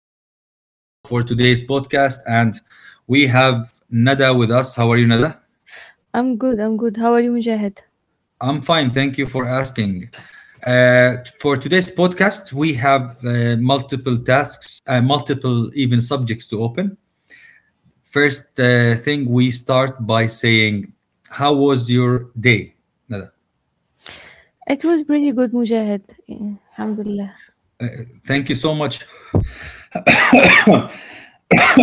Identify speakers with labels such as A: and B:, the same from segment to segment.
A: I'm the host for today's podcast, and we have Nada with us. How are you, Nada?
B: I'm good, I'm good. How are you, Mujahid?
A: I'm fine. Thank you for asking. For today's podcast, we have multiple tasks, multiple even subjects to open. First thing, we start by saying, how was your day, Nada?
B: It was pretty good, Mujahid. Yeah, Alhamdulillah.
A: Thank you so much.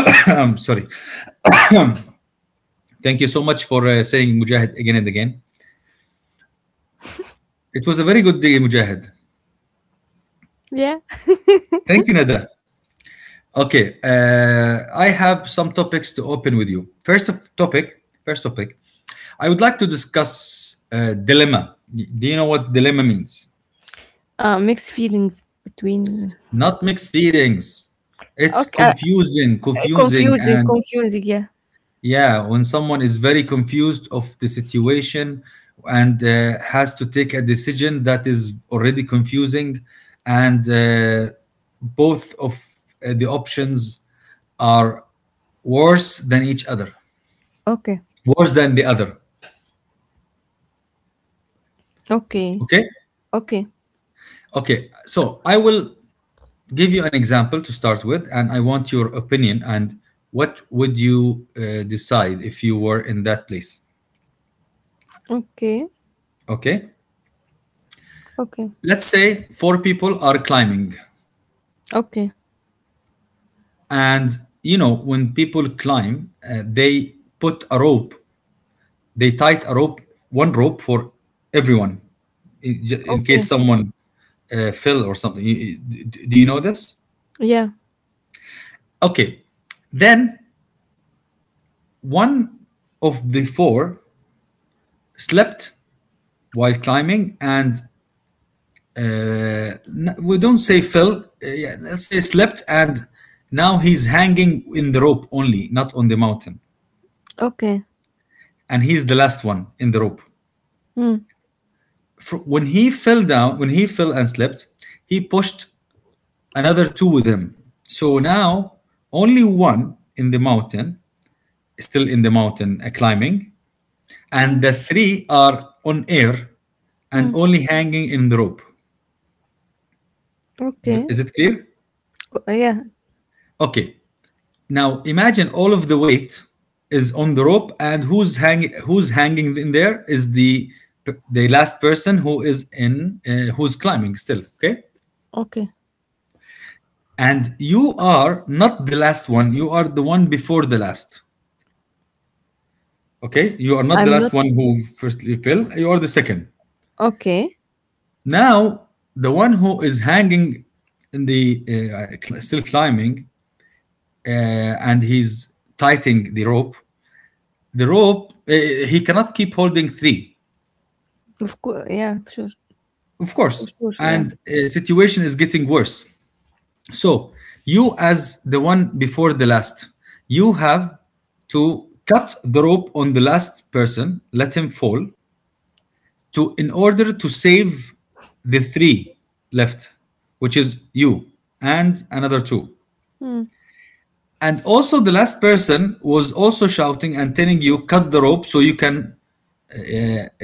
A: I'm sorry. Thank you so much for saying Mujahid again and again. It was a very good day, Mujahid.
B: Yeah.
A: Thank you, Nada. Okay, I have some topics to open with you. First topic, I would like to discuss dilemma. Do you know what dilemma means?
B: Mixed feelings between.
A: Not mixed feelings. It's
B: Okay.
A: confusing,
B: Confusing,
A: and
B: confusing, yeah.
A: yeah, when someone is very confused of the situation and has to take a decision that is already confusing, and both of the options are worse than each other.
B: Okay.
A: Worse than the other.
B: Okay.
A: Okay.
B: Okay.
A: Okay, so I will give you an example to start with, and I want your opinion and what would you decide if you were in that place.
B: Okay.
A: Okay,
B: Okay.
A: let's say four people are climbing.
B: Okay.
A: And you know, when people climb they put a rope, they tied a rope, one rope for everyone, in
B: Okay.
A: case someone fell or something. Do you know this?
B: Yeah.
A: Okay, then one of the four slept while climbing, and uh, we don't say fell. Yeah, let's say slept, and now he's hanging in the rope only, not on the mountain.
B: Okay.
A: And he's the last one in the rope.
B: Hmm.
A: When he fell down, when he fell and slept, he pushed another two with him. So now only one in the mountain, still in the mountain climbing,
B: Hmm.
A: and the three are on air and
B: Hmm.
A: only hanging in the rope.
B: Okay.
A: Is it clear?
B: Oh, yeah.
A: Okay. Now imagine all of the weight is on the rope, and who's hanging? Who's hanging in there is the last person who is in who's climbing still. Okay,
B: Okay.
A: and you are not the last one. You are the one before the last. Okay, you are not the
B: I'm not.
A: last one who firstly fell. You are the second.
B: Okay.
A: Now the one who is hanging in the still climbing, uh, and he's tightening the rope. The rope, he cannot keep holding three,
B: Of course. Yeah. Sure.
A: of course.
B: Of course. Yeah.
A: And situation is getting worse. So you, as the one before the last, you have to cut the rope on the last person, let him fall, to in order to save the three left, which is you and another two.
B: Hmm.
A: And also, the last person was also shouting and telling you, cut the rope so you can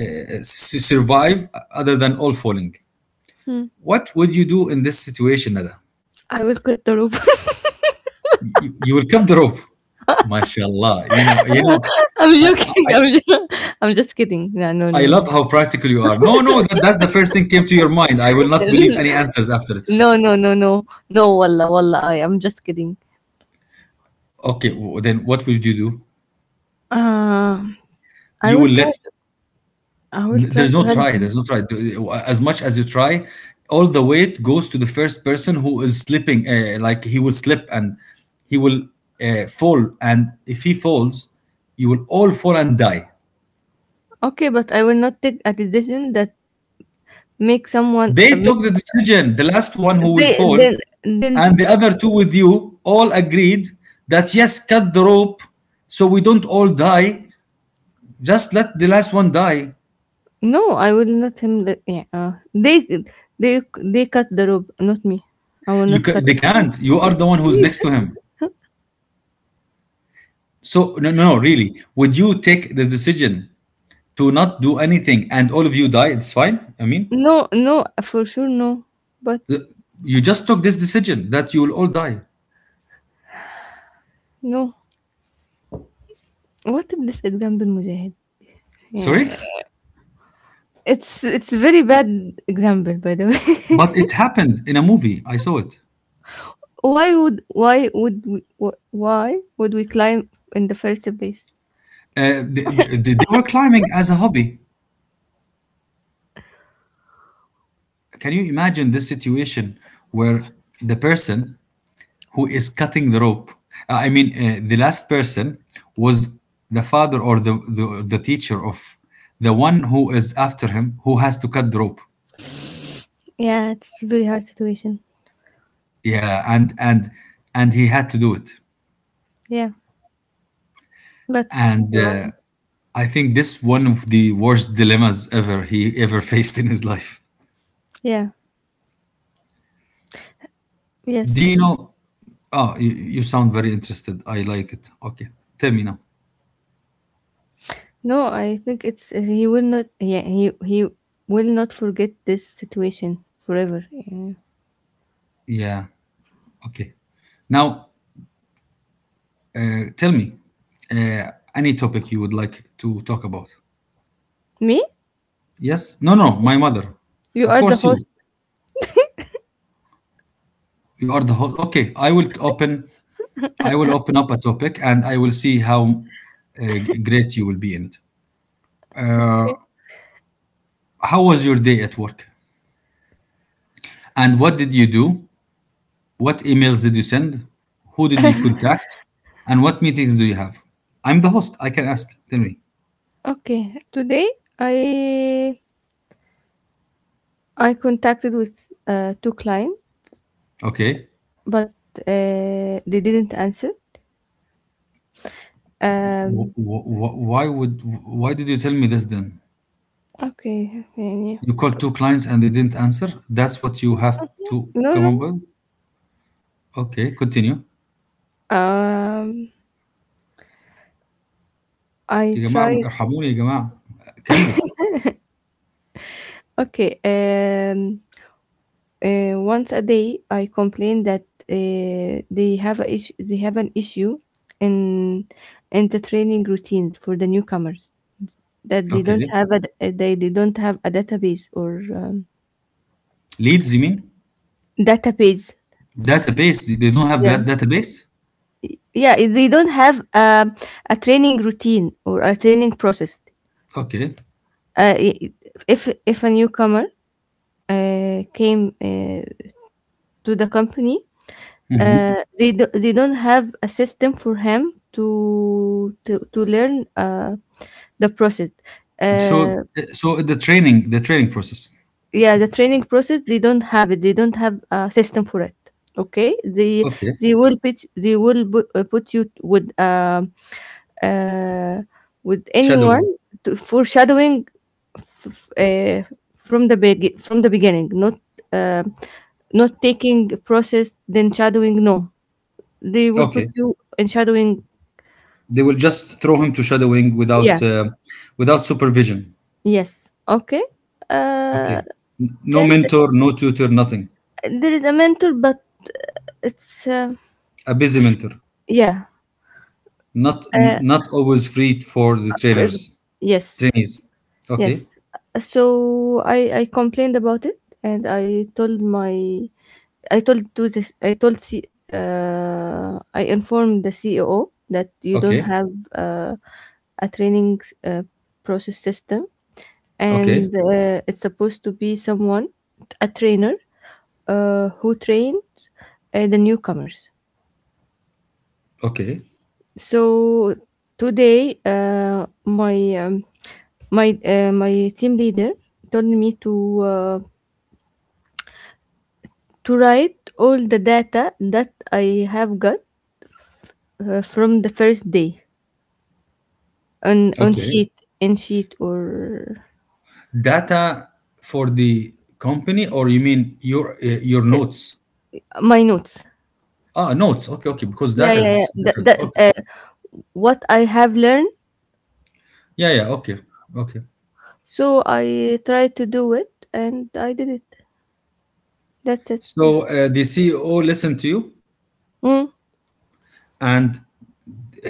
A: survive other than all falling.
B: Hmm.
A: What would you do in this situation, Nada?
B: I will cut the rope.
A: You will cut the rope. Mashallah. You know,
B: I'm
A: I,
B: joking.
A: I
B: I'm just kidding. No, no,
A: I
B: no,
A: love
B: no.
A: how practical you are. No, no, that, that's the first thing came to your mind. I will not believe any answers after it.
B: No, no, no, no. No, wallah, wallah, I am just kidding.
A: Okay, then what would you do?
B: Um, I
A: You
B: will
A: will
B: try
A: let...
B: to, I will try
A: There's
B: to
A: no
B: help
A: try.
B: him.
A: There's no try. As much as you try, all the weight goes to the first person who is slipping. Like, he will slip and he will fall, and if he falls, you will all fall and die.
B: Okay, but I will not take a decision that make someone
A: They
B: make,
A: took the decision, the last one who will
B: they
A: fall, and
B: then
A: the other two with you all agreed that yes, cut the rope so we don't all die. Just let the last one die.
B: no, I will not him yeah, they cut the rope, not me. I will not cut
A: They
B: it.
A: can't. You are the one who's next to him. So no, no, no, really. Would you take the decision to not do anything and all of you die? It's fine. I mean,
B: No, no, for sure no. But
A: th- you just took this decision that you will all die.
B: no. What if this example, Mujahid?
A: Sorry,
B: Yeah. It's very bad example, by the way.
A: but it happened in a movie. I saw it.
B: Why would we, why would we climb in the first place?
A: They were climbing as a hobby. Can you imagine this situation where the person who is cutting the rope, the last person was the father or the teacher of the one who is after him who has to cut the rope.
B: Yeah, it's a very hard situation.
A: Yeah, and and he had to do it.
B: Yeah, but
A: And
B: Um,
A: I think this one of the worst dilemmas ever he ever faced in his life.
B: yeah.
A: Do
B: Yes.
A: you know? Oh, you sound very interested. I like it. Okay, tell me now.
B: No, I think it's he will not, yeah, he will not forget this situation forever. Yeah.
A: Yeah. Okay. Now tell me any topic you would like to talk about.
B: Me?
A: Yes? No, no, my mother.
B: You
A: Of
B: are the
A: course, you.
B: host.
A: You are the host. Okay, I will open. I will open up a topic, and I will see how great you will be in it.
B: Okay.
A: How was your day at work? And what did you do? What emails did you send? Who did you contact? And what meetings do you have? I'm the host. I can ask. Tell me.
B: Okay, today i I contacted with two clients,
A: Okay.
B: but they didn't answer. um
A: Why would? Why did you tell me this then?
B: okay. Yeah. Yeah.
A: You called two clients and they didn't answer. That's what you have to
B: No,
A: come up
B: no.
A: with. Okay, continue.
B: Um, I
A: يا جماعة
B: tried.
A: ارحموني يا جماعة. كملي.
B: Okay. Once a day, I complained that they have a issue. They have an issue in in the training routine for the newcomers, that they don't
A: Okay.
B: have they don't have a database, or
A: Leads you mean?
B: database.
A: Database. They don't have
B: Yeah,
A: that database?
B: yeah. They don't have a training routine or a training process.
A: Okay.
B: Uh, i- if a newcomer came to the company.
A: Hmm.
B: They they don't have a system for him to learn the process. Uh,
A: So so the training process.
B: yeah, the training process they don't have it. They don't have a system for it. Okay,
A: Okay.
B: they will put, put you uh, with anyone
A: Shadowing.
B: for shadowing, f- uh, from the from the beginning, not uh, not taking process then shadowing. No, they will put
A: Okay.
B: you in shadowing.
A: They will just throw him to shadowing without
B: Yeah.
A: without supervision.
B: Yes. Okay. Uh,
A: Okay. No
B: then
A: mentor, no tutor, nothing.
B: there is a mentor, but it's
A: A busy mentor.
B: yeah.
A: Not
B: Uh,
A: not always free for the
B: uh,
A: trainers.
B: yes.
A: Trainees. Okay.
B: Yes. So I complained about it, and I told to this I told C, I informed the CEO that you don't
A: Okay.
B: have uh, a training process system,
A: Okay.
B: and it's supposed to be someone, a trainer, who trains the newcomers.
A: Okay.
B: So today, my team leader told me uh, to write all the data that I have got from the first day, on
A: Okay.
B: sheet, in sheet, or
A: Data for the company, or you mean your notes?
B: my notes.
A: Ah, notes. Okay. Okay. Because
B: Yeah,
A: data is
B: yeah, yeah.
A: different. Okay.
B: What I have learned.
A: Yeah. Yeah. Okay. Okay.
B: So I tried to do it, and I did it. That's it.
A: So the CEO listened to you,
B: Mm,
A: and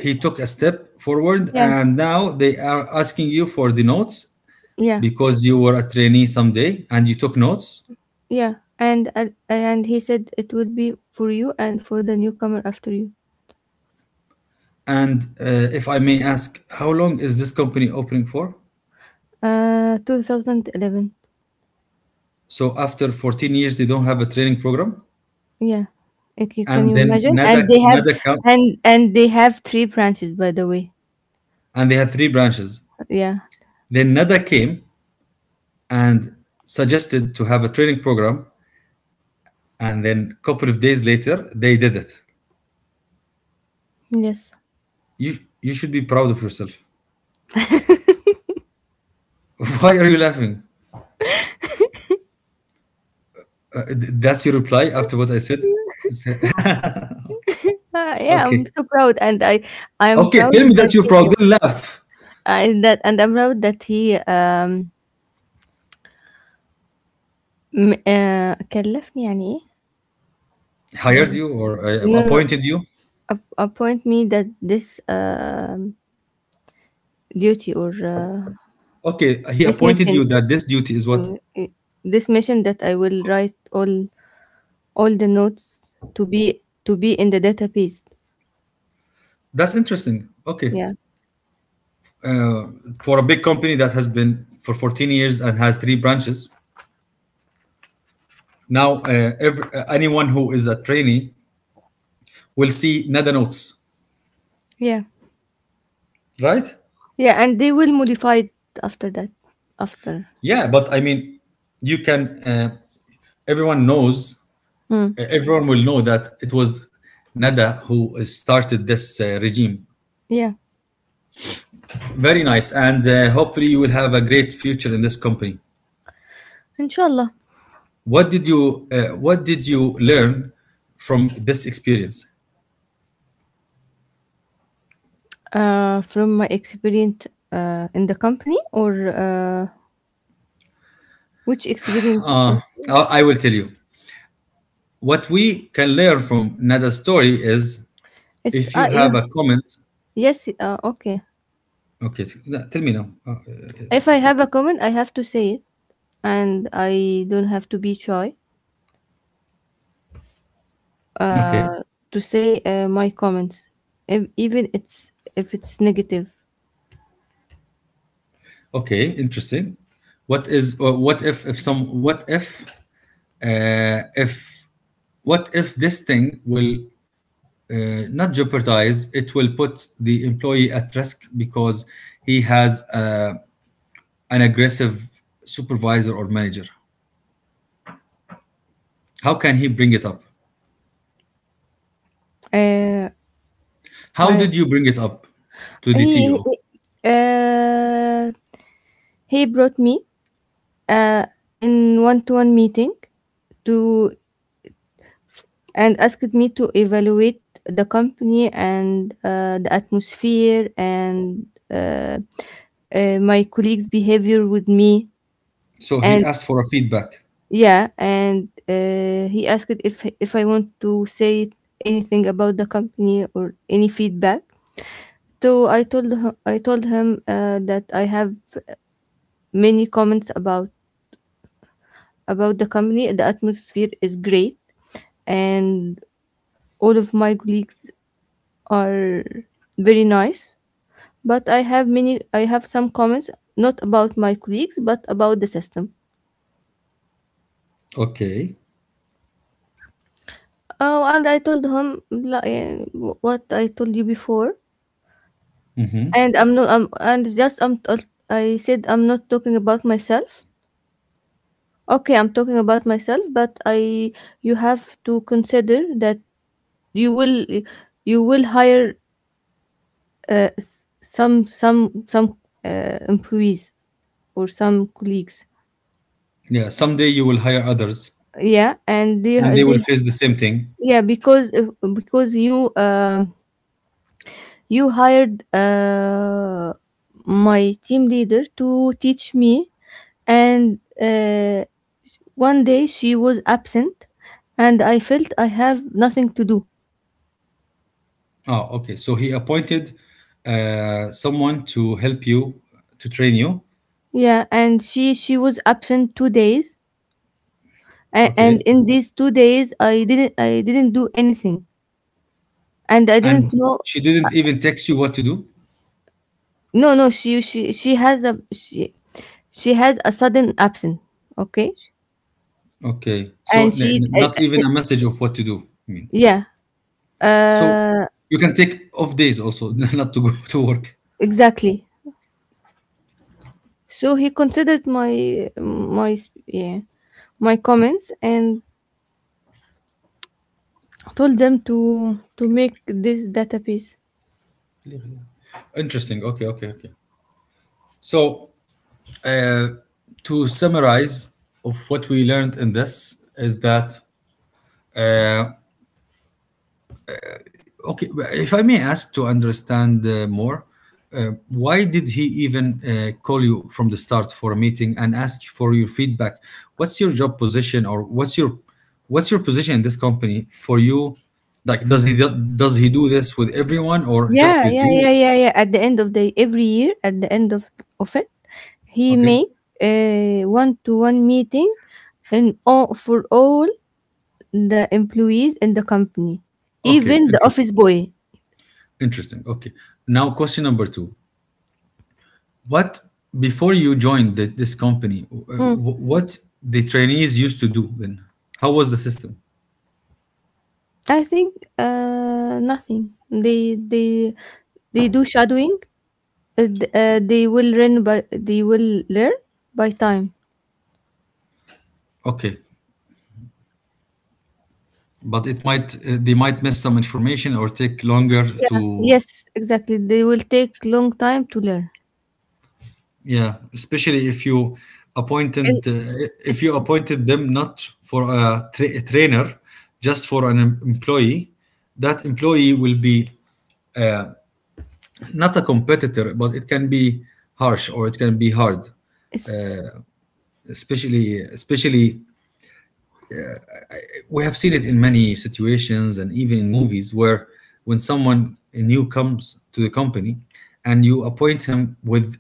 A: he took a step forward,
B: yeah,
A: and now they are asking you for the notes
B: yeah.
A: because you were a trainee someday and you took notes.
B: Yeah, and he said it would be for you and for the newcomer after you.
A: And if I may ask, how long is this company opening for?
B: 2011.
A: So after 14 years, they don't have a training program.
B: Yeah, like, you can
A: And
B: you
A: then
B: imagine?
A: NADA,
B: And
A: NADA come,
B: they have three branches, by the way.
A: and they had three branches.
B: Yeah.
A: Then NADA came and suggested to have a training program. And then a couple of days later, they did it.
B: Yes.
A: You should be proud of yourself. Why are you laughing? That's your reply after what I said?
B: Yeah, I'm
A: Okay.
B: so proud, and I'm
A: Okay,
B: proud
A: tell me
B: that
A: that you're
B: he
A: proud. Then laugh.
B: I that and I'm proud that he كلفني يعني إيه؟
A: Hired
B: Okay.
A: you or
B: No, no,
A: appointed you?
B: appoint me that this duty, or
A: Okay, he
B: this
A: appointed
B: mission,
A: you that this duty is what?
B: uh, i- this mission that I will write all the notes, to be in the database.
A: That's interesting. Okay.
B: Yeah,
A: Uh, for a big company that has been for 14 years and has three branches. Now, anyone who is a trainee will see Nada notes,
B: yeah,
A: right?
B: yeah, and they will modify it after that. After,
A: Yeah, but I mean, you can. Everyone knows.
B: mm.
A: Uh, everyone will know that it was Nada who started this regime.
B: Yeah,
A: Very nice, and hopefully you will have a great future in this company.
B: inshallah.
A: What did you learn from this experience?
B: From my experience in the company, or which experience is
A: Uh,
B: that?
A: I will tell you. What we can learn from Nada's story is
B: It's
A: if you have
B: you.
A: a comment.
B: Yes. Okay.
A: Okay, no, tell me now.
B: If I have a comment, I have to say it, and I don't have to be shy. uh,
A: Okay,
B: to say my comments, if, even it's if it's negative.
A: okay, interesting. What is or what if some what if What if this thing will not jeopardize? It will put the employee at risk because he has an aggressive supervisor or manager. How can he bring it up?
B: Uh,
A: How
B: I
A: did you bring it up to the
B: he,
A: CEO?
B: he uh, he brought me uh, in one-to-one meeting, to and asked me to evaluate the company, and the atmosphere, and my colleagues' behavior with me,
A: So he
B: and
A: asked for a feedback.
B: yeah, and he asked if I want to say anything about the company or any feedback. So I told him that I have many comments about the company. The atmosphere is great, and all of my colleagues are very nice. But I have some comments, not about my colleagues but about the system.
A: Okay.
B: Oh, and I told him, like, what I told you before.
A: Hmm.
B: And I'm not. I'm and just I'm. T- I said I'm not talking about myself. Okay, I'm talking about myself, but I. you have to consider that you will. you will hire some employees, or some colleagues.
A: Yeah. Someday you will hire others,
B: Yeah, and
A: and they will
B: they
A: face the same thing.
B: yeah, because you, you hired my team leader to teach me, and one day she was absent, and I felt I have nothing to do.
A: Oh, okay. So he appointed someone to help you, to train you.
B: Yeah, and she was absent 2 days, and,
A: Okay.
B: in these 2 days I didn't do anything, and I
A: And
B: didn't know.
A: she didn't even text you what to do.
B: No, no, she she has a sudden absence, okay?
A: Okay. So
B: And she
A: not even a message of what to do. I mean,
B: yeah,
A: so
B: uh
A: you can take off days also, not to go to work.
B: exactly. So he considered yeah, my comments, and told them to make this database.
A: Interesting. Okay. Okay. Okay. So uh, to summarize of what we learned in this is that Uh, okay, if I may ask to understand more, why did he even call you from the start for a meeting and ask for your feedback? What's your job position or what's your, what's your position in this company for you? Like, does he, does he do this with everyone or just
B: Yeah,
A: with
B: yeah, yeah,
A: you?
B: yeah, yeah. At the end of the every year, at the end of it, he
A: Okay,
B: make a one to one meeting, and all for all the employees in the company,
A: okay,
B: even the
A: interesting,
B: office boy.
A: interesting. Okay, now question number two: what before you joined this company,
B: Hmm.
A: what the trainees used to do then? How was the system?
B: I think nothing. They do shadowing. They will learn by they will learn by time.
A: Okay, but it might they might miss some information or take longer
B: Yeah.
A: to...
B: Yes, exactly. They will take long time to learn.
A: Yeah, especially
B: And
A: appointed uh, if
B: it's,
A: you appointed them not for a trainer, just for employee, that employee will be not a competitor, but it can be harsh or it can be hard.
B: it's
A: Especially, especially, we have seen it in many situations and even in movies where when someone new comes to the company and you appoint him with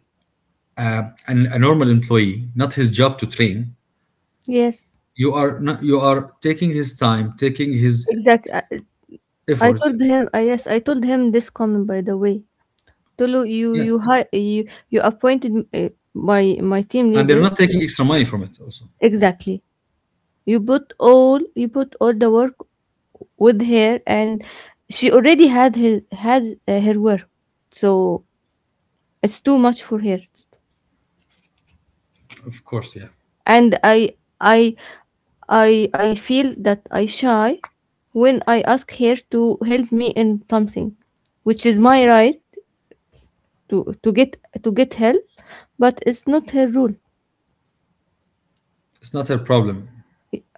A: uh, a normal employee, not his job to train.
B: yes.
A: You are not, you are taking his time, taking his
B: Exactly. I
A: effort.
B: told him, yes, I told him this comment, by the way. Tolu,
A: Yeah,
B: you appointed my team
A: and they're
B: leader,
A: not taking extra money from it. Also,
B: exactly. You put all the work with her, and she already had her work, so it's too much for her.
A: of course, yeah,
B: And I feel that I shy when I ask her to help me in something, which is my right to to get to get help, but it's not her rule.
A: it's not her problem.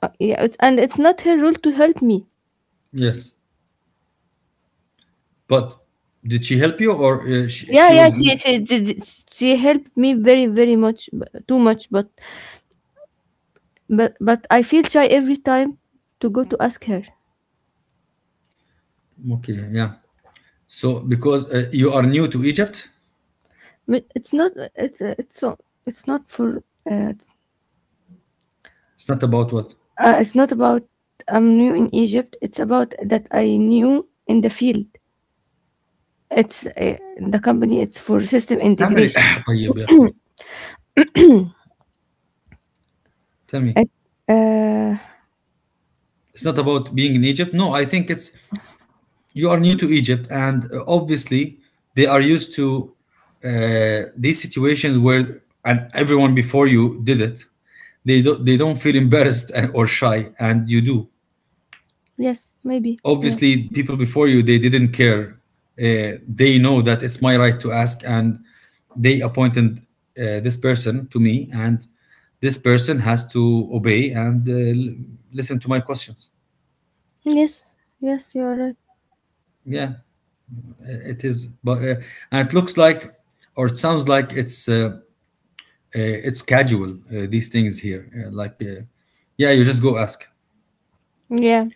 B: Yeah, it's not her rule to help me.
A: Yes, but did she help you or she,
B: Yeah,
A: she
B: yeah,
A: was
B: she helped me very, very much, too much, but I feel shy every time to go to ask her.
A: okay? Yeah. So because you are new to Egypt,
B: But It's not it's it's so it's not for uh, it's,
A: it's not about what.
B: it's not about I'm new in Egypt. It's about that I knew in the field. It's the company. It's for system
A: اعمل إيه؟
B: integration.
A: طيب يا أخي. Tell me,
B: I, uh,
A: it's not about being in Egypt. No, I think it's you are new to Egypt, and obviously they are used to these situations where and everyone before you did it. They don't feel embarrassed or shy, and you do.
B: yes, maybe. Yeah.
A: Obviously, people before you they didn't care. They know that it's my right to ask, and they appointed this person to me, and this person has to obey and listen to my questions.
B: Yes, yes, you're right.
A: Yeah. It is, but and it looks like, or it sounds like it's it's casual. These things here, like, yeah, you just go ask.
B: Yeah.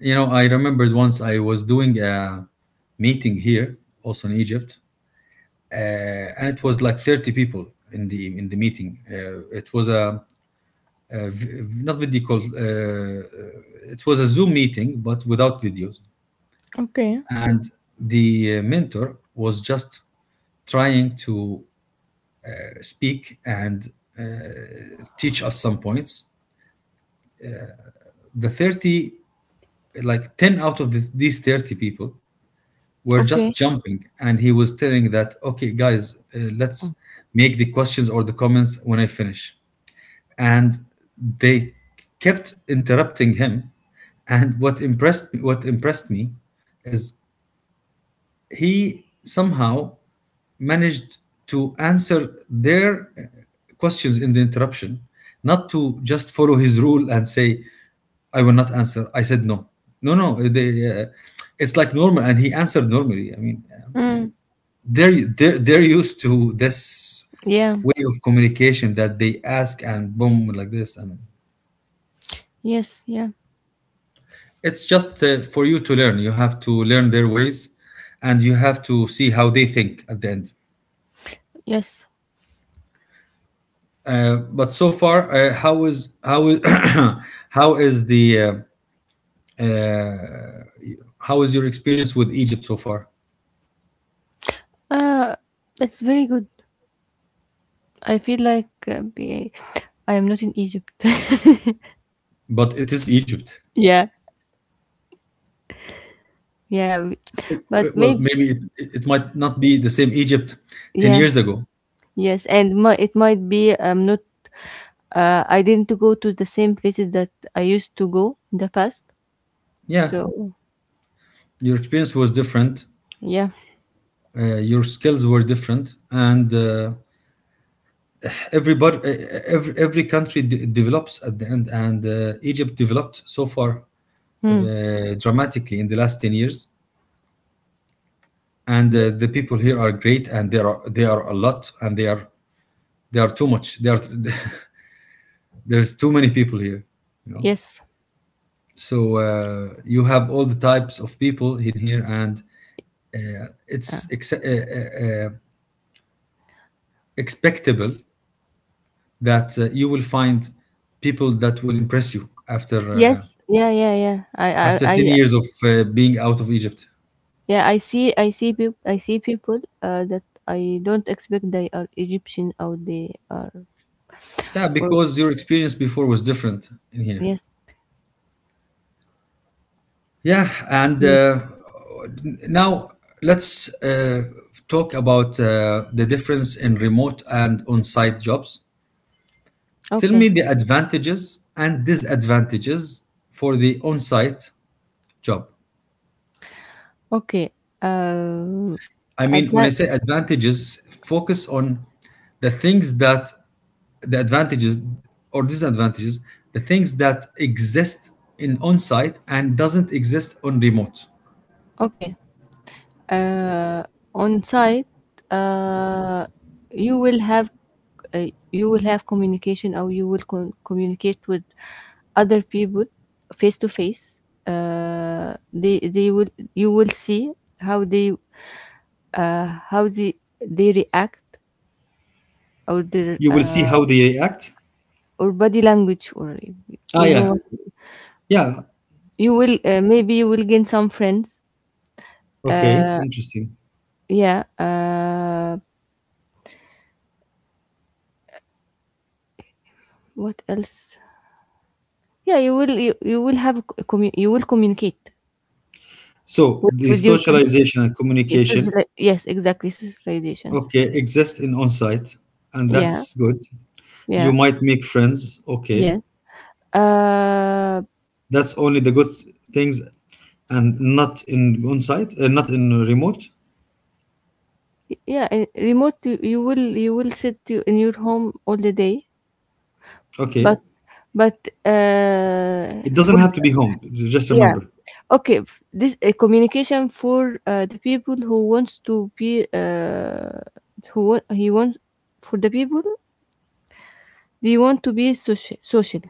A: You know, I remembered once I was doing a meeting here, also in Egypt, uh, and it was like 30 people in the meeting. It was a not video call. It was a Zoom meeting, but without videos.
B: Okay.
A: And the mentor was just trying to speak and uh, teach us some points. The 30, like 10 out of these 30 people were just
B: Okay.
A: jumping. And he was telling that, okay, guys, let's make the questions or the comments when I finish. And they kept interrupting him. And what impressed me is he somehow managed to answer their questions in the interruption, not to just follow his rule and say, I will not answer. I said no. No, no. They, it's like normal. And he answered normally. I mean,
B: Mm,
A: they're used to this
B: yeah.
A: way of communication that they ask and boom, like this. And
B: Yes. Yeah.
A: it's just for you to learn. You have to learn their ways and you have to see how they think at the end.
B: Yes.
A: But so far, how is how is the uh, how is your experience with Egypt so far?
B: Uh, that's very good. I feel like I am not in Egypt.
A: But it is Egypt.
B: Yeah. Yeah. But
A: Well,
B: maybe.
A: maybe it might not be the same Egypt ten
B: Yeah.
A: years ago.
B: Yes. It might be I'm not. I didn't go to the same places that I used to go in the past.
A: Yeah,
B: So
A: your experience was different.
B: yeah.
A: Your skills were different, and everybody, every country develops at the end, and Egypt developed so far
B: Hmm.
A: dramatically in the last 10 years. And the
B: Yes.
A: people here are great and there are they are a lot and they are too much, they are there's too many people here, you know.
B: Yes.
A: So you have all the types of people in here and
B: Uh,
A: it's expectable that you will find people that will impress you after
B: yes. Yeah. Yeah. Yeah. I. I.
A: after
B: I.
A: 10 years of being out of Egypt.
B: Yeah, I see. I see. I see people that I don't expect they are Egyptian, or they are.
A: Yeah,
B: Or
A: because your experience before was different in here.
B: yes,
A: Yeah, and
B: yes.
A: now let's talk about the difference in remote and on site jobs. Tell
B: Okay,
A: me the advantages and disadvantages for the on site job.
B: okay. Um,
A: I mean, when I
B: advan-
A: say advantages, focus on the things that the advantages or disadvantages, the things that exist in on site and doesn't exist on remote.
B: okay. Uh, on site, uh, you will have, communication, or you will communicate with other people face to face. They will You will see how they, how they react, or their
A: You will see how they react.
B: or body language, or
A: Ah,
B: you know,
A: yeah, yeah.
B: you will, maybe you will gain some friends.
A: Okay, interesting.
B: Yeah, what else? Yeah, you will have a you will communicate
A: So the
B: with your colleague.
A: socialization and communication,
B: Yes, exactly, socializations.
A: okay, exist in on-site, and
B: Yeah,
A: that's good. You
B: yeah,
A: might make friends, okay.
B: yes, uh
A: That's only the good things, and not in on-site, not in remote.
B: yeah. Remote, you will sit you in your home all the day, but
A: Okay,
B: but
A: it doesn't
B: for
A: have to be home. Just
B: yeah.
A: remember.
B: Okay, this communication for the people who wants to be, who wa- he wants for the people they want to be social, social.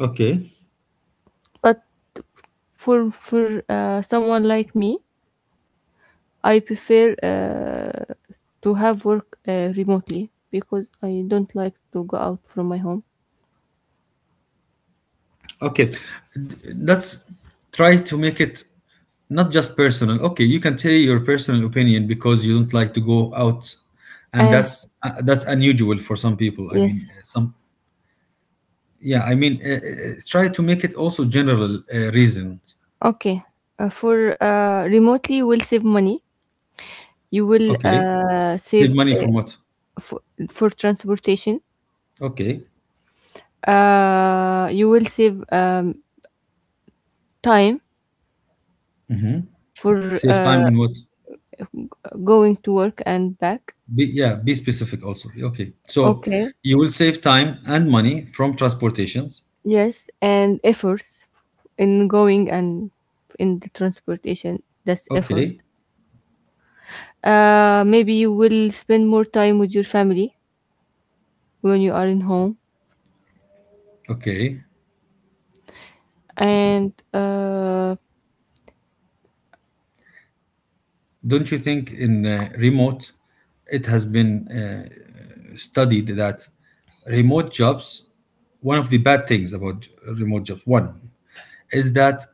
A: Okay.
B: But for someone like me, I prefer to have work remotely, because I don't like to go out from my home.
A: Okay, let's try to make it not just personal. Okay, you can tell your personal opinion because you don't like to go out, and
B: Uh,
A: that's unusual for some people. I
B: yes.
A: mean, some, yeah. I mean, try to make it also general reasons.
B: Okay. For remotely, you will save money. You will
A: Okay, save
B: save
A: money from what?
B: for, transportation.
A: Okay,
B: You will save time for
A: save
B: uh,
A: time in what?
B: going to work and back.
A: Be, yeah, be specific also. Okay, so
B: Okay.
A: you will save time and money from transportations.
B: Yes, and efforts in going, and in the transportation. That's effort.
A: Okay,
B: Maybe you will spend more time with your family when you are in home.
A: okay.
B: And
A: Don't you think in remote, it has been studied that remote jobs, one of the bad things about remote jobs, one, is that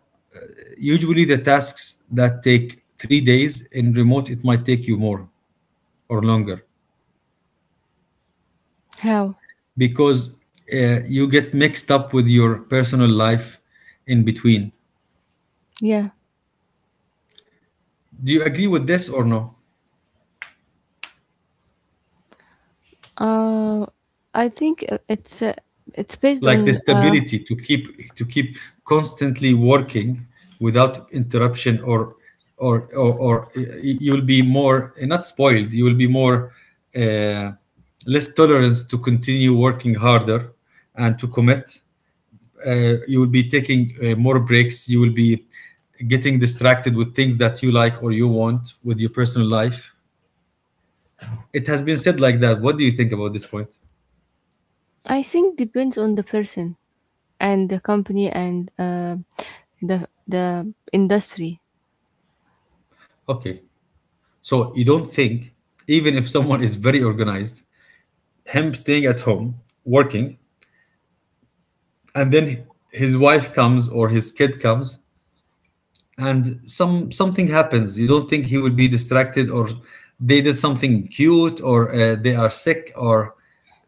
A: usually the tasks that take 3 days in remote, it might take you more or longer
B: How?
A: because you get mixed up with your personal life in between.
B: Yeah.
A: Do you agree with this or no?
B: Uh, I think it's based
A: Like the
B: on.
A: stability to keep constantly working without interruption or you'll be more not spoiled, you will be more uh, less tolerance to continue working harder and to commit. You will be taking more breaks, you will be getting distracted with things that you like or you want with your personal life. It has been said like that. What do you think about this point?
B: I think depends on the person. And the company, and the industry.
A: Okay, so you don't think even if someone is very organized, him staying at home working, and then his wife comes or his kid comes and something happens, you don't think he would be distracted, or they did something cute or they are sick or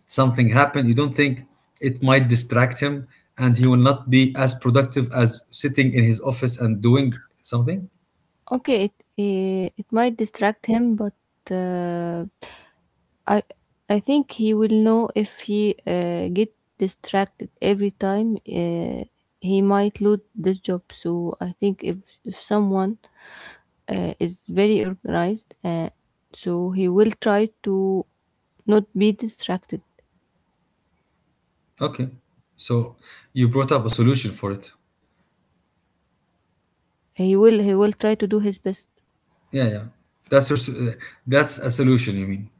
A: something happened? You don't think it might distract him and he will not be as productive as sitting in his office and doing something?
B: Okay, it might distract him, but uh, I I think he will know if he get distracted every time. He might lose this job. So I think if someone is very organized, so he will try to not be distracted.
A: Okay, so you brought up a solution for it.
B: He will try to do his best.
A: Yeah, yeah, that's your, uh, that's a solution you mean.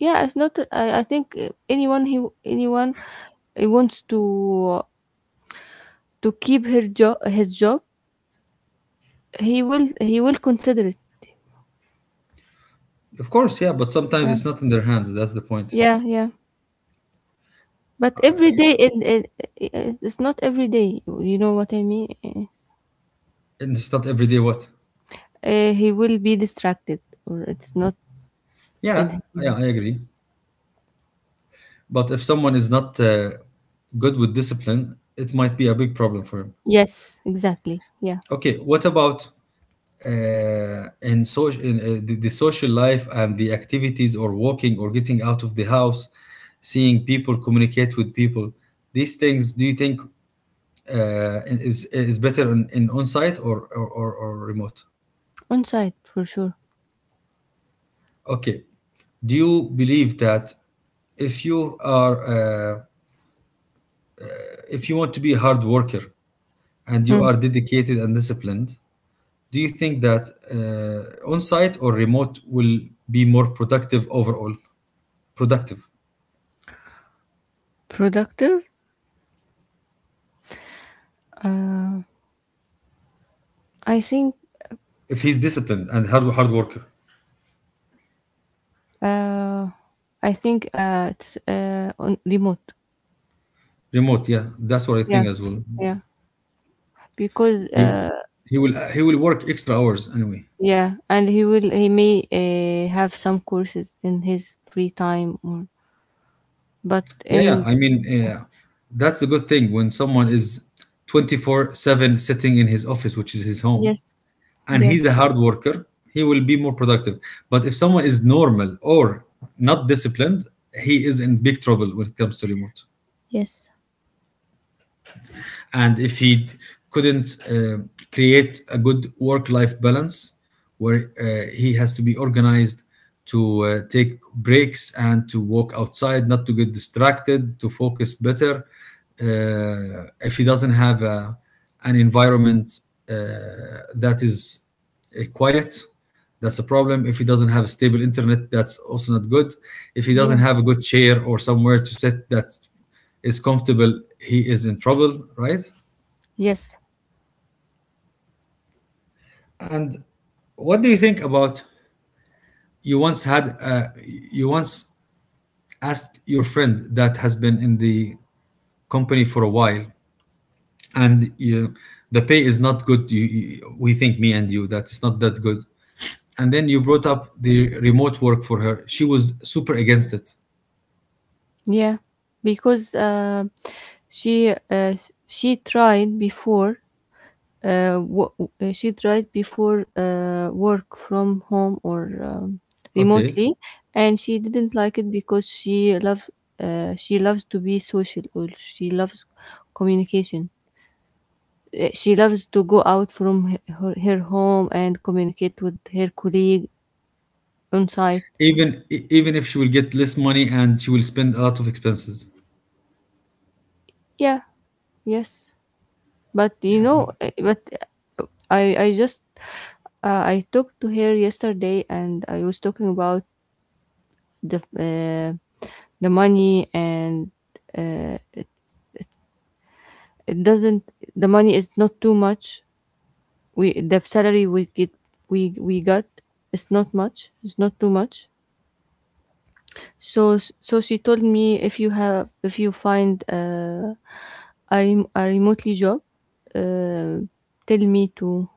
B: Yeah, it's not. I think anyone he wants to keep her job his job he will consider it.
A: Of course, yeah, but sometimes
B: Yeah,
A: it's not in their hands. That's the point.
B: yeah, yeah. But every day it's not every day. You know what I mean?
A: And it's not every day what.
B: He will be distracted, or it's not. In
A: Yeah, yeah,
B: Yeah.
A: I agree. But if someone is not good with discipline, it might be a big problem for him.
B: Yes, exactly. Yeah,
A: Okay, what about in social, in, the social life and the activities or walking or getting out of the house, seeing people, communicate with people? These things, do you think is better in on site, or, remote?
B: on site for sure.
A: Okay. Do you believe that if you are uh, if you want to be a hard worker and you
B: Hmm.
A: are dedicated and disciplined, do you think that on-site or remote will be more productive overall? Productive.
B: Productive. Uh, I think.
A: If he's disciplined and hard worker.
B: Uh, I think it's on remote.
A: Remote, yeah, that's what I think
B: Yeah.
A: as well.
B: Yeah, because
A: He he will work extra hours anyway.
B: yeah, and he may have some courses in his free time or but
A: Yeah, yeah.
B: in
A: I mean, that's a good thing when someone is 24/7 sitting in his office, which is his home.
B: Yes,
A: And
B: yeah,
A: he's a hard worker, he will be more productive. But if someone is normal or not disciplined, he is in big trouble when it comes to remote.
B: Yes,
A: And if he couldn't create a good work-life balance where he has to be organized to take breaks and to walk outside, not to get distracted, to focus better. If he doesn't have an environment uh, that is quiet, that's a problem. If he doesn't have a stable internet, that's also not good. If he
B: yeah,
A: doesn't have a good chair or somewhere to sit that is comfortable, he is in trouble, right?
B: yes,
A: And what do you think about, you once had, you once asked your friend that has been in the company for a while, and you, the pay is not good, you, we think, me and you, that it's not that good, and then you brought up the remote work for her, she was super against it.
B: yeah, because she uh, she tried before uh, wo- she tried before work from home or
A: Okay,
B: remotely, and she didn't like it because she loves to be social or she loves communication. She loves to go out from her home and communicate with her colleague on site.
A: even even if she will get less money and she will spend a lot of expenses.
B: Yeah, yes. But you
A: Yeah,
B: know,
A: but-
B: but I just I talked to her yesterday and I was talking about the uh, the money, and it, it doesn't the money is not too much. We The salary we get we got is not much. It's not too much. So so she told me if you find a remotely job, uh, tell me to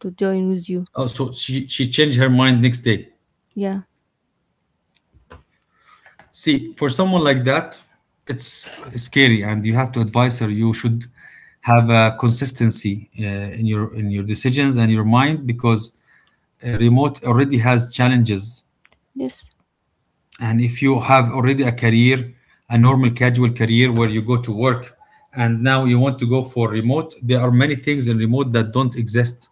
B: join with you.
A: oh, so she changed her mind next day.
B: Yeah.
A: See, for someone like that, it's scary, and you have to advise her. You should have a consistency in your decisions and your mind, because remote already has challenges.
B: Yes.
A: And if you have already a career, a normal casual career where you go to work, and now you want to go for remote, there are many things in remote that don't exist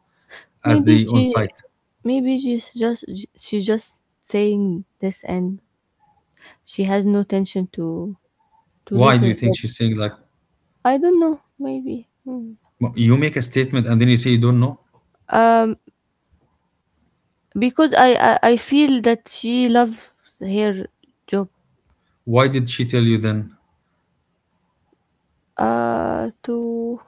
A: as
B: Maybe
A: the on
B: she
A: site.
B: maybe she's just saying this and she has no tension to
A: Why
B: leave
A: do
B: her
A: you think
B: job.
A: she's saying like,
B: I don't know. Maybe. Hmm.
A: "Well, you make a statement and then you say you don't know?"
B: Um, because I feel that she loves her job.
A: Why did she tell you then?
B: To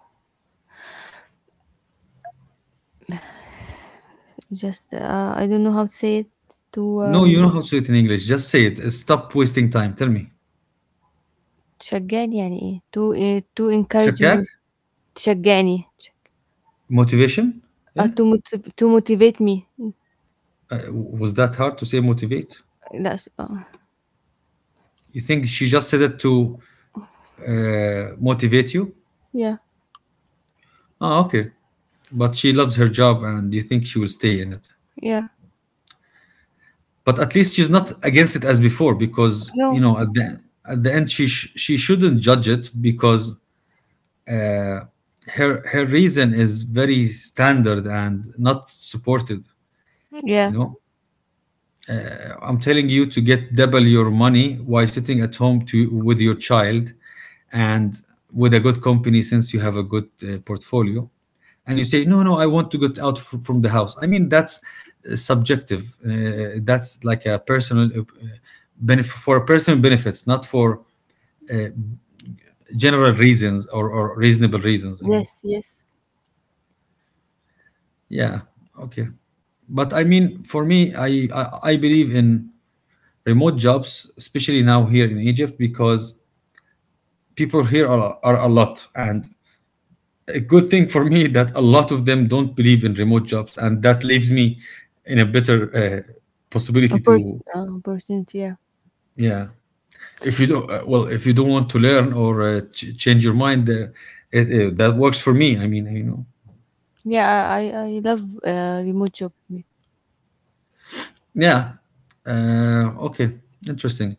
B: Just I don't know how to say it. تو
A: No, you
B: آمم
A: know how to say it in English. Just say it. Stop wasting time. Tell me.
B: تشجّعني يعني إيه؟ To آآ to encourage
A: Shakak?
B: me. تشجّعني تش.
A: Motivation? Yeah.
B: To motivate me.
A: Uh, was that hard to say motivate?
B: لأ س آه.
A: You think she just said it to motivate you?
B: Yeah.
A: Ah, okay. But she loves her job and you think she will stay in it.
B: Yeah.
A: But at least she's not against it as before because, you
B: No.
A: know, at the end, she she shouldn't judge it because her reason is very standard and not supported, you
B: Yeah.
A: know? I'm telling you to get double your money while sitting at home to with your child and with a good company since you have a good portfolio. And you say no, no, I want to get out from the house. I mean, that's subjective. That's like a personal benefit, for personal benefits, not for general reasons or reasonable reasons, I mean.
B: Yes, yes.
A: Yeah, okay. But I mean, for me I I believe in remote jobs, especially now here in Egypt, because people here are a lot, and a good thing for me that a lot of them don't believe in remote jobs, and that leaves me in a better possibility
B: Oppor
A: to.
B: آه opportunity, yeah.
A: Yeah. If you don't well, if you don't want to learn or change your mind, it that works for me, I mean, you know.
B: Yeah. I love remote job.
A: Yeah. Okay. Interesting.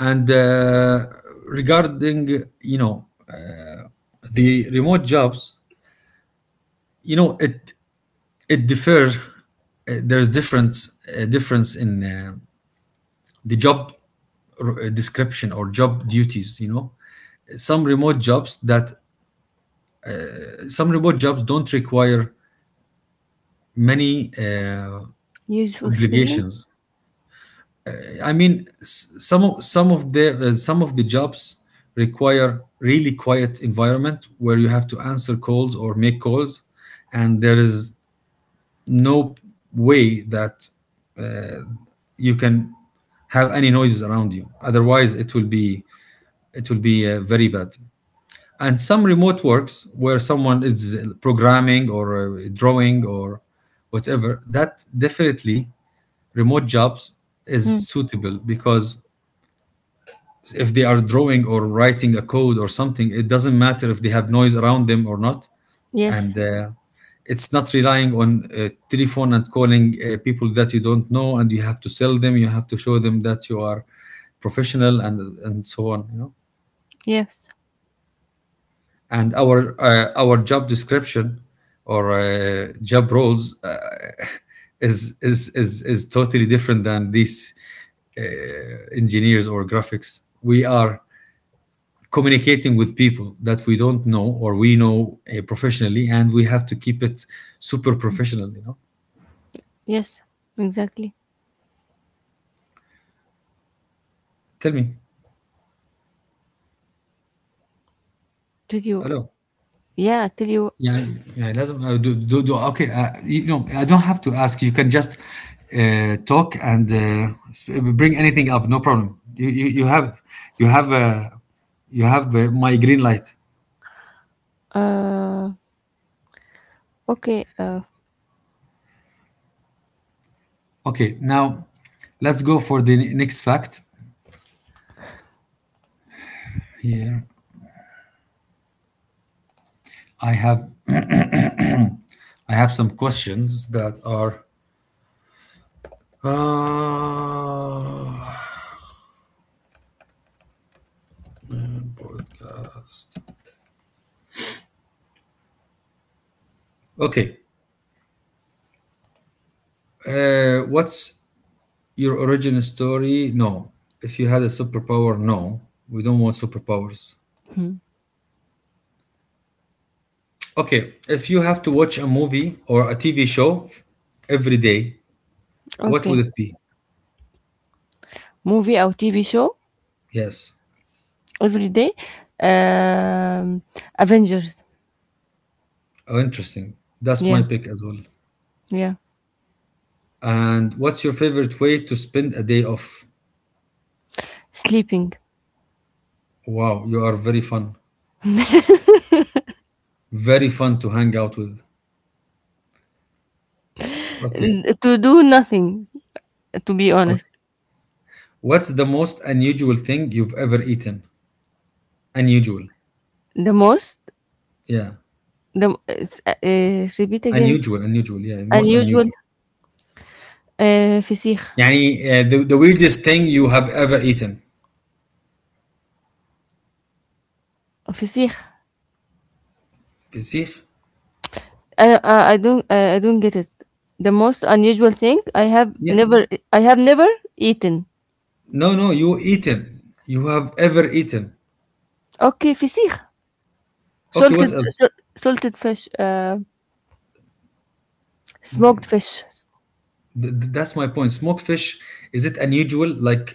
A: And regarding, you know, the remote jobs, you know, it differs. There's different difference in the job description or job duties, you know. some remote jobs that some remote jobs don't require many uh,
B: Years of experience?
A: obligations. I mean, some of the jobs require really quiet environment where you have to answer calls or make calls, and there is no way that you can have any noises around you, otherwise it will be, it will be very bad. And some remote works where someone is programming or drawing or whatever, that definitely remote jobs is
B: Mm.
A: suitable, because if they are drawing or writing a code or something, it doesn't matter if they have noise around them or not.
B: Yes.
A: And it's not relying on telephone and calling people that you don't know, and you have to sell them, you have to show them that you are professional, and so on, you know.
B: Yes.
A: And our job description or job roles is totally different than these uh, engineers or graphics. We are communicating with people that we don't know, or we know professionally, and we have to keep it super professional, you know.
B: Yes. Exactly.
A: Tell me.
B: Tell you,
A: Hello.
B: yeah, tell you.
A: Yeah, yeah. لازم آه، do do do okay. You know, I don't have to ask. You can just talk and bring anything up, no problem. You have, you have you have my green light.
B: uh, okay, uh,
A: Okay, now let's go for the next fact. Here I have, I have some questions that are uh, podcast. Okay. What's your origin story? No. If you had a superpower? No. We don't want superpowers. Okay, if you have to watch a movie or a TV show every day, what
B: okay.
A: would it be?
B: Movie or TV show?
A: Yes.
B: Every day? Um, Avengers.
A: Oh, interesting. That's
B: Yeah,
A: my pick as well.
B: yeah.
A: And what's your favorite way to spend a day off?
B: Sleeping.
A: Wow, you are very fun. Very fun to hang out with. Okay.
B: To do nothing, to be honest.
A: Okay. What's the most unusual thing you've ever eaten? Unusual.
B: The most,
A: Yeah.
B: the, it's, Repeat again,
A: Unusual, unusual. Yeah, most
B: unusual,
A: unusual.
B: فسيخ.
A: يعني the weirdest thing you have ever eaten.
B: فسيخ.
A: فسيخ.
B: I don't, I don't get it. The most unusual thing
A: Yeah.
B: I have never eaten.
A: No, no, you eaten, you have ever eaten.
B: Okay, فسيخ.
A: Okay, what
B: Salted,
A: else?
B: Salted fish, smoked fish.
A: That's my point, smoked fish. Is it unusual, like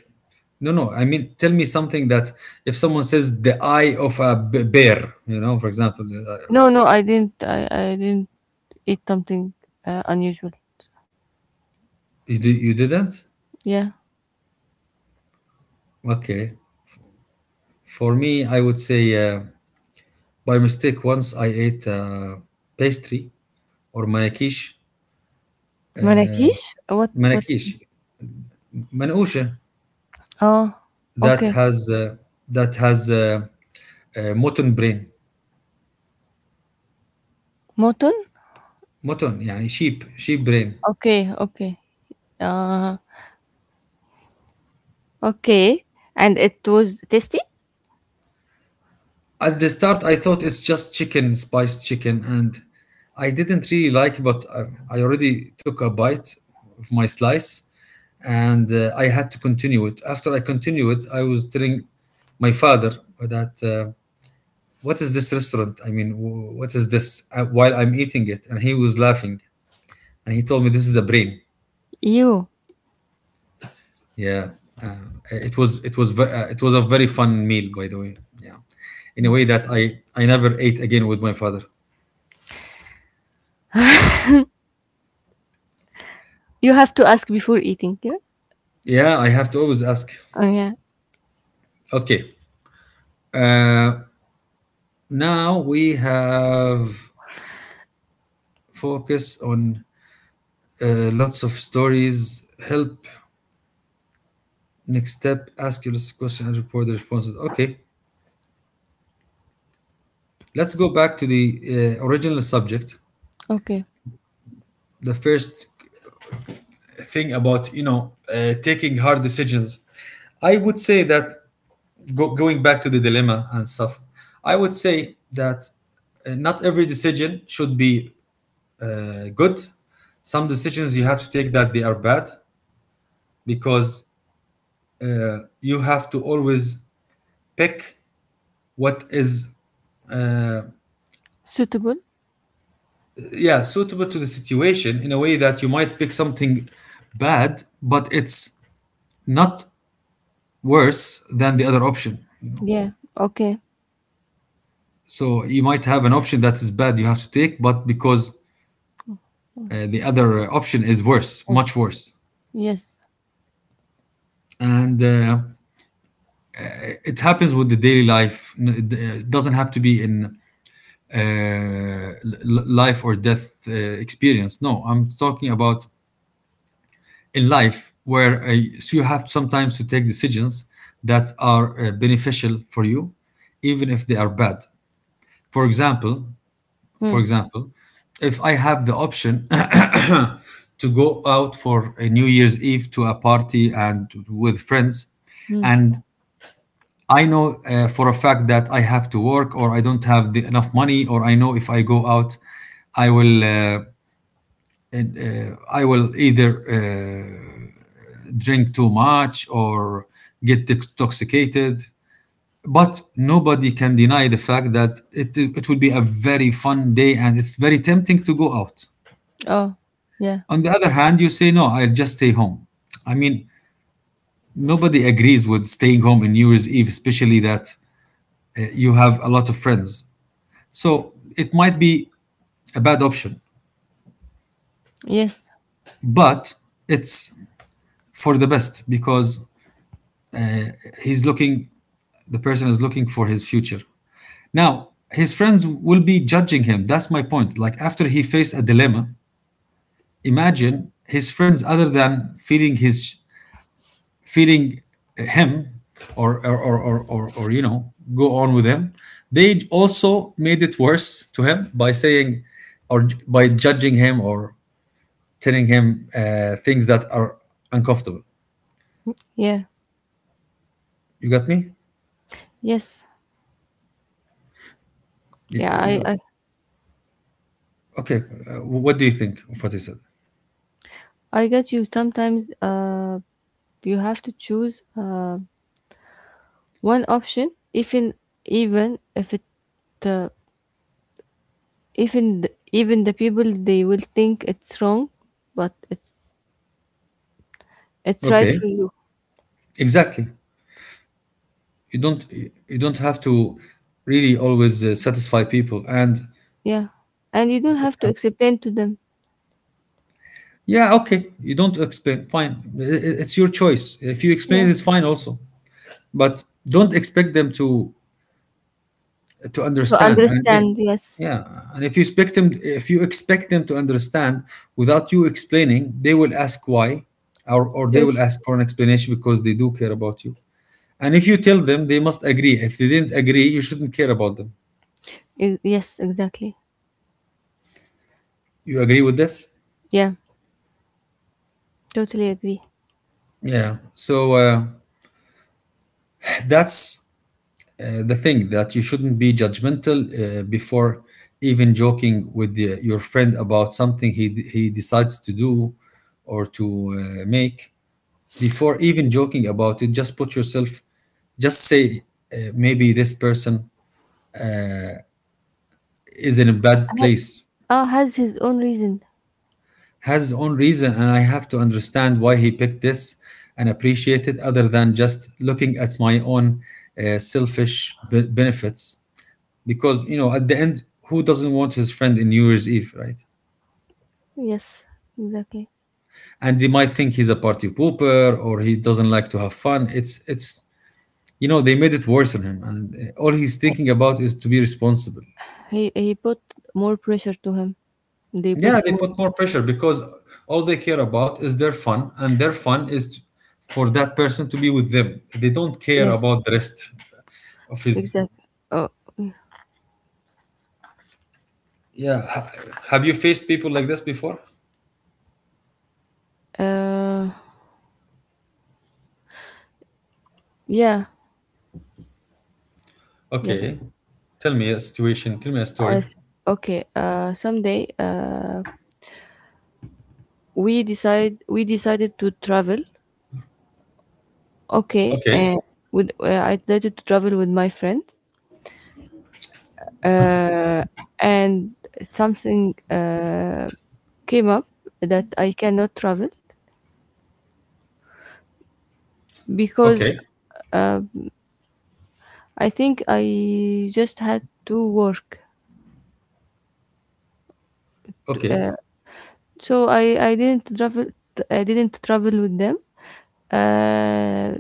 A: no, no, I mean tell me something that if someone says the eye of a bear, you know, for example. Uh,
B: No, I didn't. I didn't eat something unusual.
A: you, you didn't.
B: Yeah.
A: Okay, for me I would say by mistake, once I ate pastry or manakish,
B: Marrakesh? What what.
A: manakish, منقوشة,
B: Oh,
A: that
B: okay.
A: has uh, that has mutton brain.
B: Mutton?
A: Mutton يعني sheep, sheep brain.
B: Okay, okay. Uh okay. And it was tasty?
A: At the start I thought it's just chicken, spiced chicken, and I didn't really like, but I already took a bite of my slice, and I had to continue it. After I continue it, I was telling my father that what is this restaurant. I mean, what is this while I'm eating it, and he was laughing, and he told me this is a brain.
B: You.
A: Yeah, uh, it was, it was it was a very fun meal, by the way. Yeah, in a way that I never ate again with my father.
B: You have to ask before eating, yeah?
A: Yeah, I have to always ask.
B: Oh yeah.
A: Okay, uh, now we have focus on lots of stories. Help next step. Ask your question and report the responses. Okay, let's go back to the original subject.
B: Okay.
A: The first thing about, you know, taking hard decisions. I would say that going back to the dilemma and stuff, I would say that not every decision should be good. Some decisions you have to take that they are bad, because you have to always pick what is uh,
B: Suitable?
A: yeah, suitable to the situation, in a way that you might pick something bad, but it's not worse than the other option. You know,
B: Yeah. Okay.
A: so you might have an option that is bad you have to take, but because the other option is worse,
B: Or
A: much worse.
B: yes.
A: And it happens with the daily life. N- It doesn't have to be in life or death experience. No, I'm talking about in life where so you have sometimes to take decisions that are beneficial for you, even if they are bad. For example, for
B: Hmm.
A: example, if I have the option to go out for a New Year's Eve, to a party and with friends,
B: Hmm.
A: and I know for a fact that I have to work, or I don't have the, enough money, or I know if I go out I will uh, I will either drink too much or get intoxicated, but nobody can deny the fact that it would be a very fun day, and it's very tempting to go out.
B: Oh. Yeah.
A: On the other hand, you say no, I'll just stay home. I mean, nobody agrees with staying home in New Year's Eve, especially that you have a lot of friends. So it might be a bad option,
B: Yes.
A: but it's for the best, because he's looking, the person is looking for his future. Now, his friends will be judging him. That's my point. Like, after he faced a dilemma, imagine his friends, other than feeling his, feeling him or you know, go on with him, they also made it worse to him by saying by judging him or telling him things that are uncomfortable.
B: Yeah.
A: You got me?
B: Yes.
A: Y-
B: Yeah,
A: y- Okay. What do you think of what he said?
B: I get you. Sometimes you have to choose one option even even if it uh, even the, even the people they will think it's wrong, but it's right for
A: Okay.
B: you.
A: Exactly. You don't you don't have to really always satisfy people and
B: Yeah, and you don't have to
A: um,
B: explain to them.
A: yeah, okay. You don't explain. Fine. It's your choice. If you explain,
B: Yeah,
A: it's fine also. But don't expect them to
B: to
A: understand and if,
B: understand. Yes,
A: yeah, and if you expect them, if you expect them to understand without you explaining, they will ask why, or they will
B: yes,
A: ask for an explanation because they do care about you. And if you tell them they must agree, if they didn't agree you shouldn't care about them.
B: yes, exactly.
A: You agree with this?
B: Yeah, totally agree.
A: Yeah. So that's the thing, that you shouldn't be judgmental before even joking with the, your friend about something he decides to do or to make. Before even joking about it, just put yourself, just say, maybe this person is in a bad
B: Ha-
A: place,
B: Oh, has his own reason.
A: has his own reason, and I have to understand why he picked this and appreciate it, other than just looking at my own benefits. Because, you know, at the end, who doesn't want his friend in New Year's Eve, right?
B: Yes, exactly.
A: And they might think he's a party pooper or he doesn't like to have fun. It's, you know, they made it worse on him, and all he's thinking about is to be responsible.
B: He put more pressure to him. They
A: Yeah,
B: put
A: they
B: more.
A: put more pressure, because all they care about is their fun, and their fun is t for that person to be with them. They don't care
B: Yes,
A: about the rest of his.
B: exactly. Oh,
A: Yeah. Have you faced people like this before?
B: uh, yeah, yes.
A: Okay. Tell me a situation. Tell me a
B: I
A: story.
B: s- okay. Someday. We decided to travel, okay,
A: Okay.
B: and with I decided to travel with my friends, uh, and something came up that I cannot travel, because
A: Okay.
B: uh, I think I just had to work.
A: Okay.
B: uh, so I didn't travel, I didn't travel with them. uh,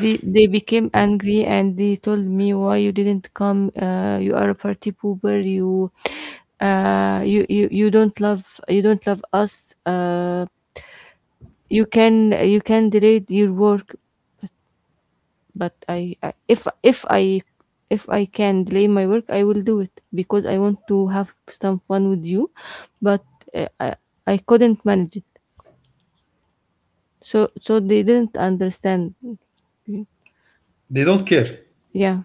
B: They became angry and they told me, why you didn't come. You are a party pooper. You don't love, you don't love us. You can delay your work, but I if I can delay my work, I will do it because I want to have some fun with you. But uh, I I couldn't manage it. So they didn't understand.
A: They don't care.
B: Yeah.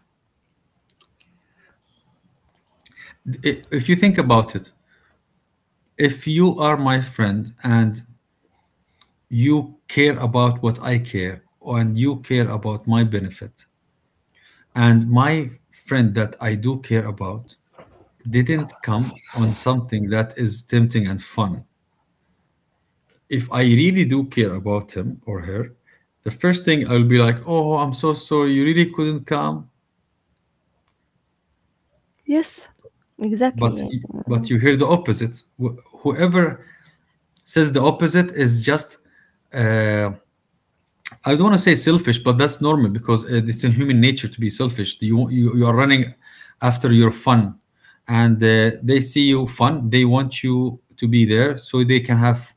A: If you think about it, if you are my friend and you care about what I care, and you care about my benefit, and my friend that I do care about didn't come on something that is tempting and fun, if I really do care about him or her, the first thing I'll be like, "Oh, I'm so sorry, you really couldn't come."
B: Yes. Exactly.
A: But
B: Yeah.
A: but you hear the opposite. Whoever says the opposite is just uh, I don't want to say selfish, but that's normal, because it's in human nature to be selfish. You are running after your fun, and they see you fun. They want you to be there so they can have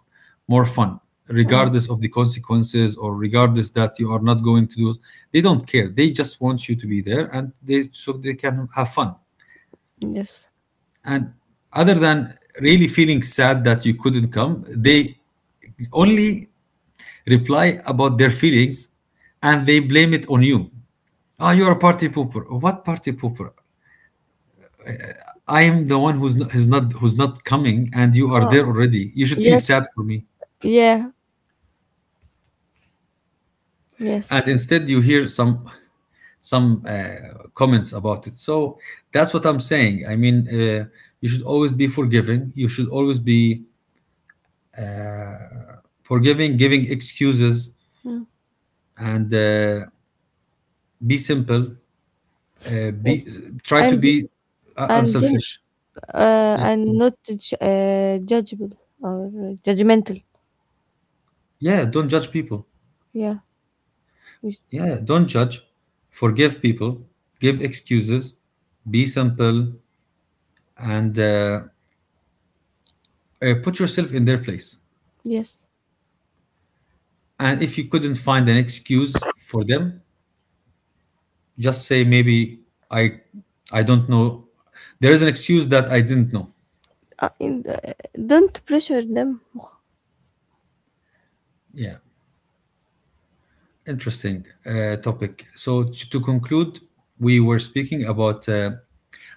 A: more fun,
B: Mm.
A: regardless of the consequences or regardless that you are not going to do. It. They don't care. They just want you to be there, and they so they can have fun.
B: Yes.
A: And other than really feeling sad that you couldn't come, they only reply about their feelings and they blame it on you. Ah, you're a party pooper. What party pooper? I am the one who's not coming, and you are
B: Oh
A: there already. You should feel
B: yes.
A: sad for me.
B: Yeah. Yes.
A: And instead, you hear some comments about it. So that's what I'm saying. I mean, you should always be forgiving. You should always be forgiving, giving excuses,
B: Mm.
A: and be simple.
B: Yes.
A: Be try to
B: And
A: be
B: and don't
A: unselfish. Yeah,
B: and not judge, judgeable or judgmental.
A: yeah. Don't judge people.
B: Yeah. Yes,
A: Yeah, don't judge, forgive people, give excuses, be simple, and put yourself in their place.
B: yes.
A: And if you couldn't find an excuse for them, just say maybe I, I don't know. There is an excuse that I didn't know.
B: Uh, in the, don't pressure them.
A: Yeah, interesting topic. So to conclude, we were speaking about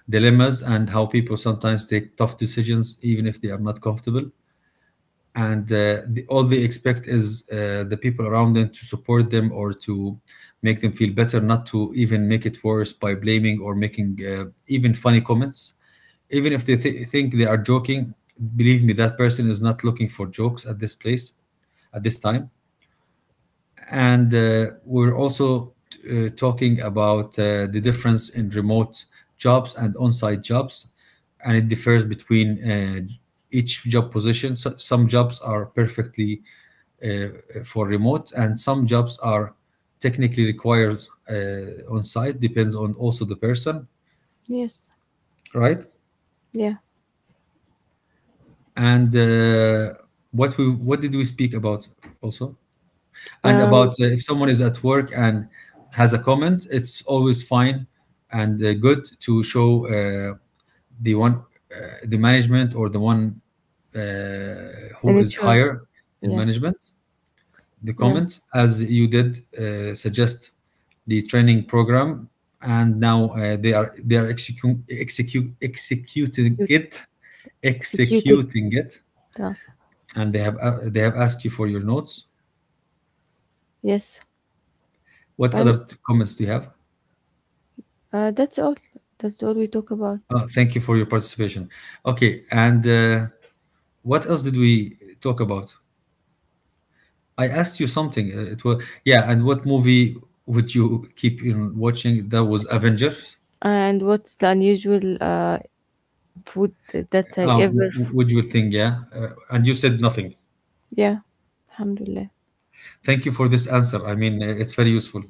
A: dilemmas and how people sometimes take tough decisions even if they are not comfortable. And all they expect is the people around them to support them or to make them feel better, not to even make it worse by blaming or making even funny comments, even if they think they are joking. Believe me, that person is not looking for jokes at this place, at this time. And we're also talking about the difference in remote jobs and on-site jobs, and it differs between each job position. So some jobs are perfectly uh, for remote, and some jobs are technically required on site, depends on also the person.
B: Yes.
A: Right?
B: Yeah.
A: And what we what did we speak about also, and
B: Uh,
A: about if someone is at work and has a comment, it's always fine and good to show the one uh, the management or the one uh, who is
B: Nature.
A: higher in
B: Yeah.
A: management the
B: Yeah.
A: comment, as you did suggest the training program, and now they are executing
B: You
A: it,
B: executed.
A: executing it,
B: Uh,
A: and they have asked you for your notes.
B: yes.
A: What
B: And
A: other comments do you have?
B: that's all. That's all we talk about.
A: Thank you for your participation. Okay, and what else did we talk about? I asked you something. It was yeah. And what movie would you keep in watching? That was Avengers.
B: And what's the unusual food that I ever.
A: Would you think? Yeah, and you said nothing.
B: Yeah, alhamdulillah.
A: Thank you for this answer. I mean, it's very useful.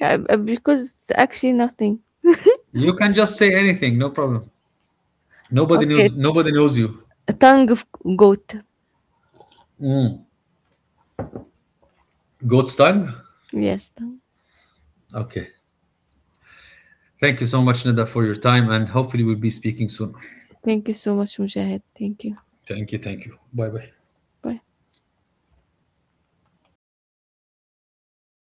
B: Yeah, because it's actually nothing.
A: You can just say anything. No problem. Nobody
B: Okay,
A: knows. Nobody knows you.
B: a tongue of goat.
A: Goat's tongue.
B: Yes, tongue.
A: Okay. Thank you so much, Nida, for your time, and hopefully we'll be speaking soon.
B: Thank you so much, Mujahid. Thank you.
A: Thank you. Thank you. Bye bye.
B: Bye.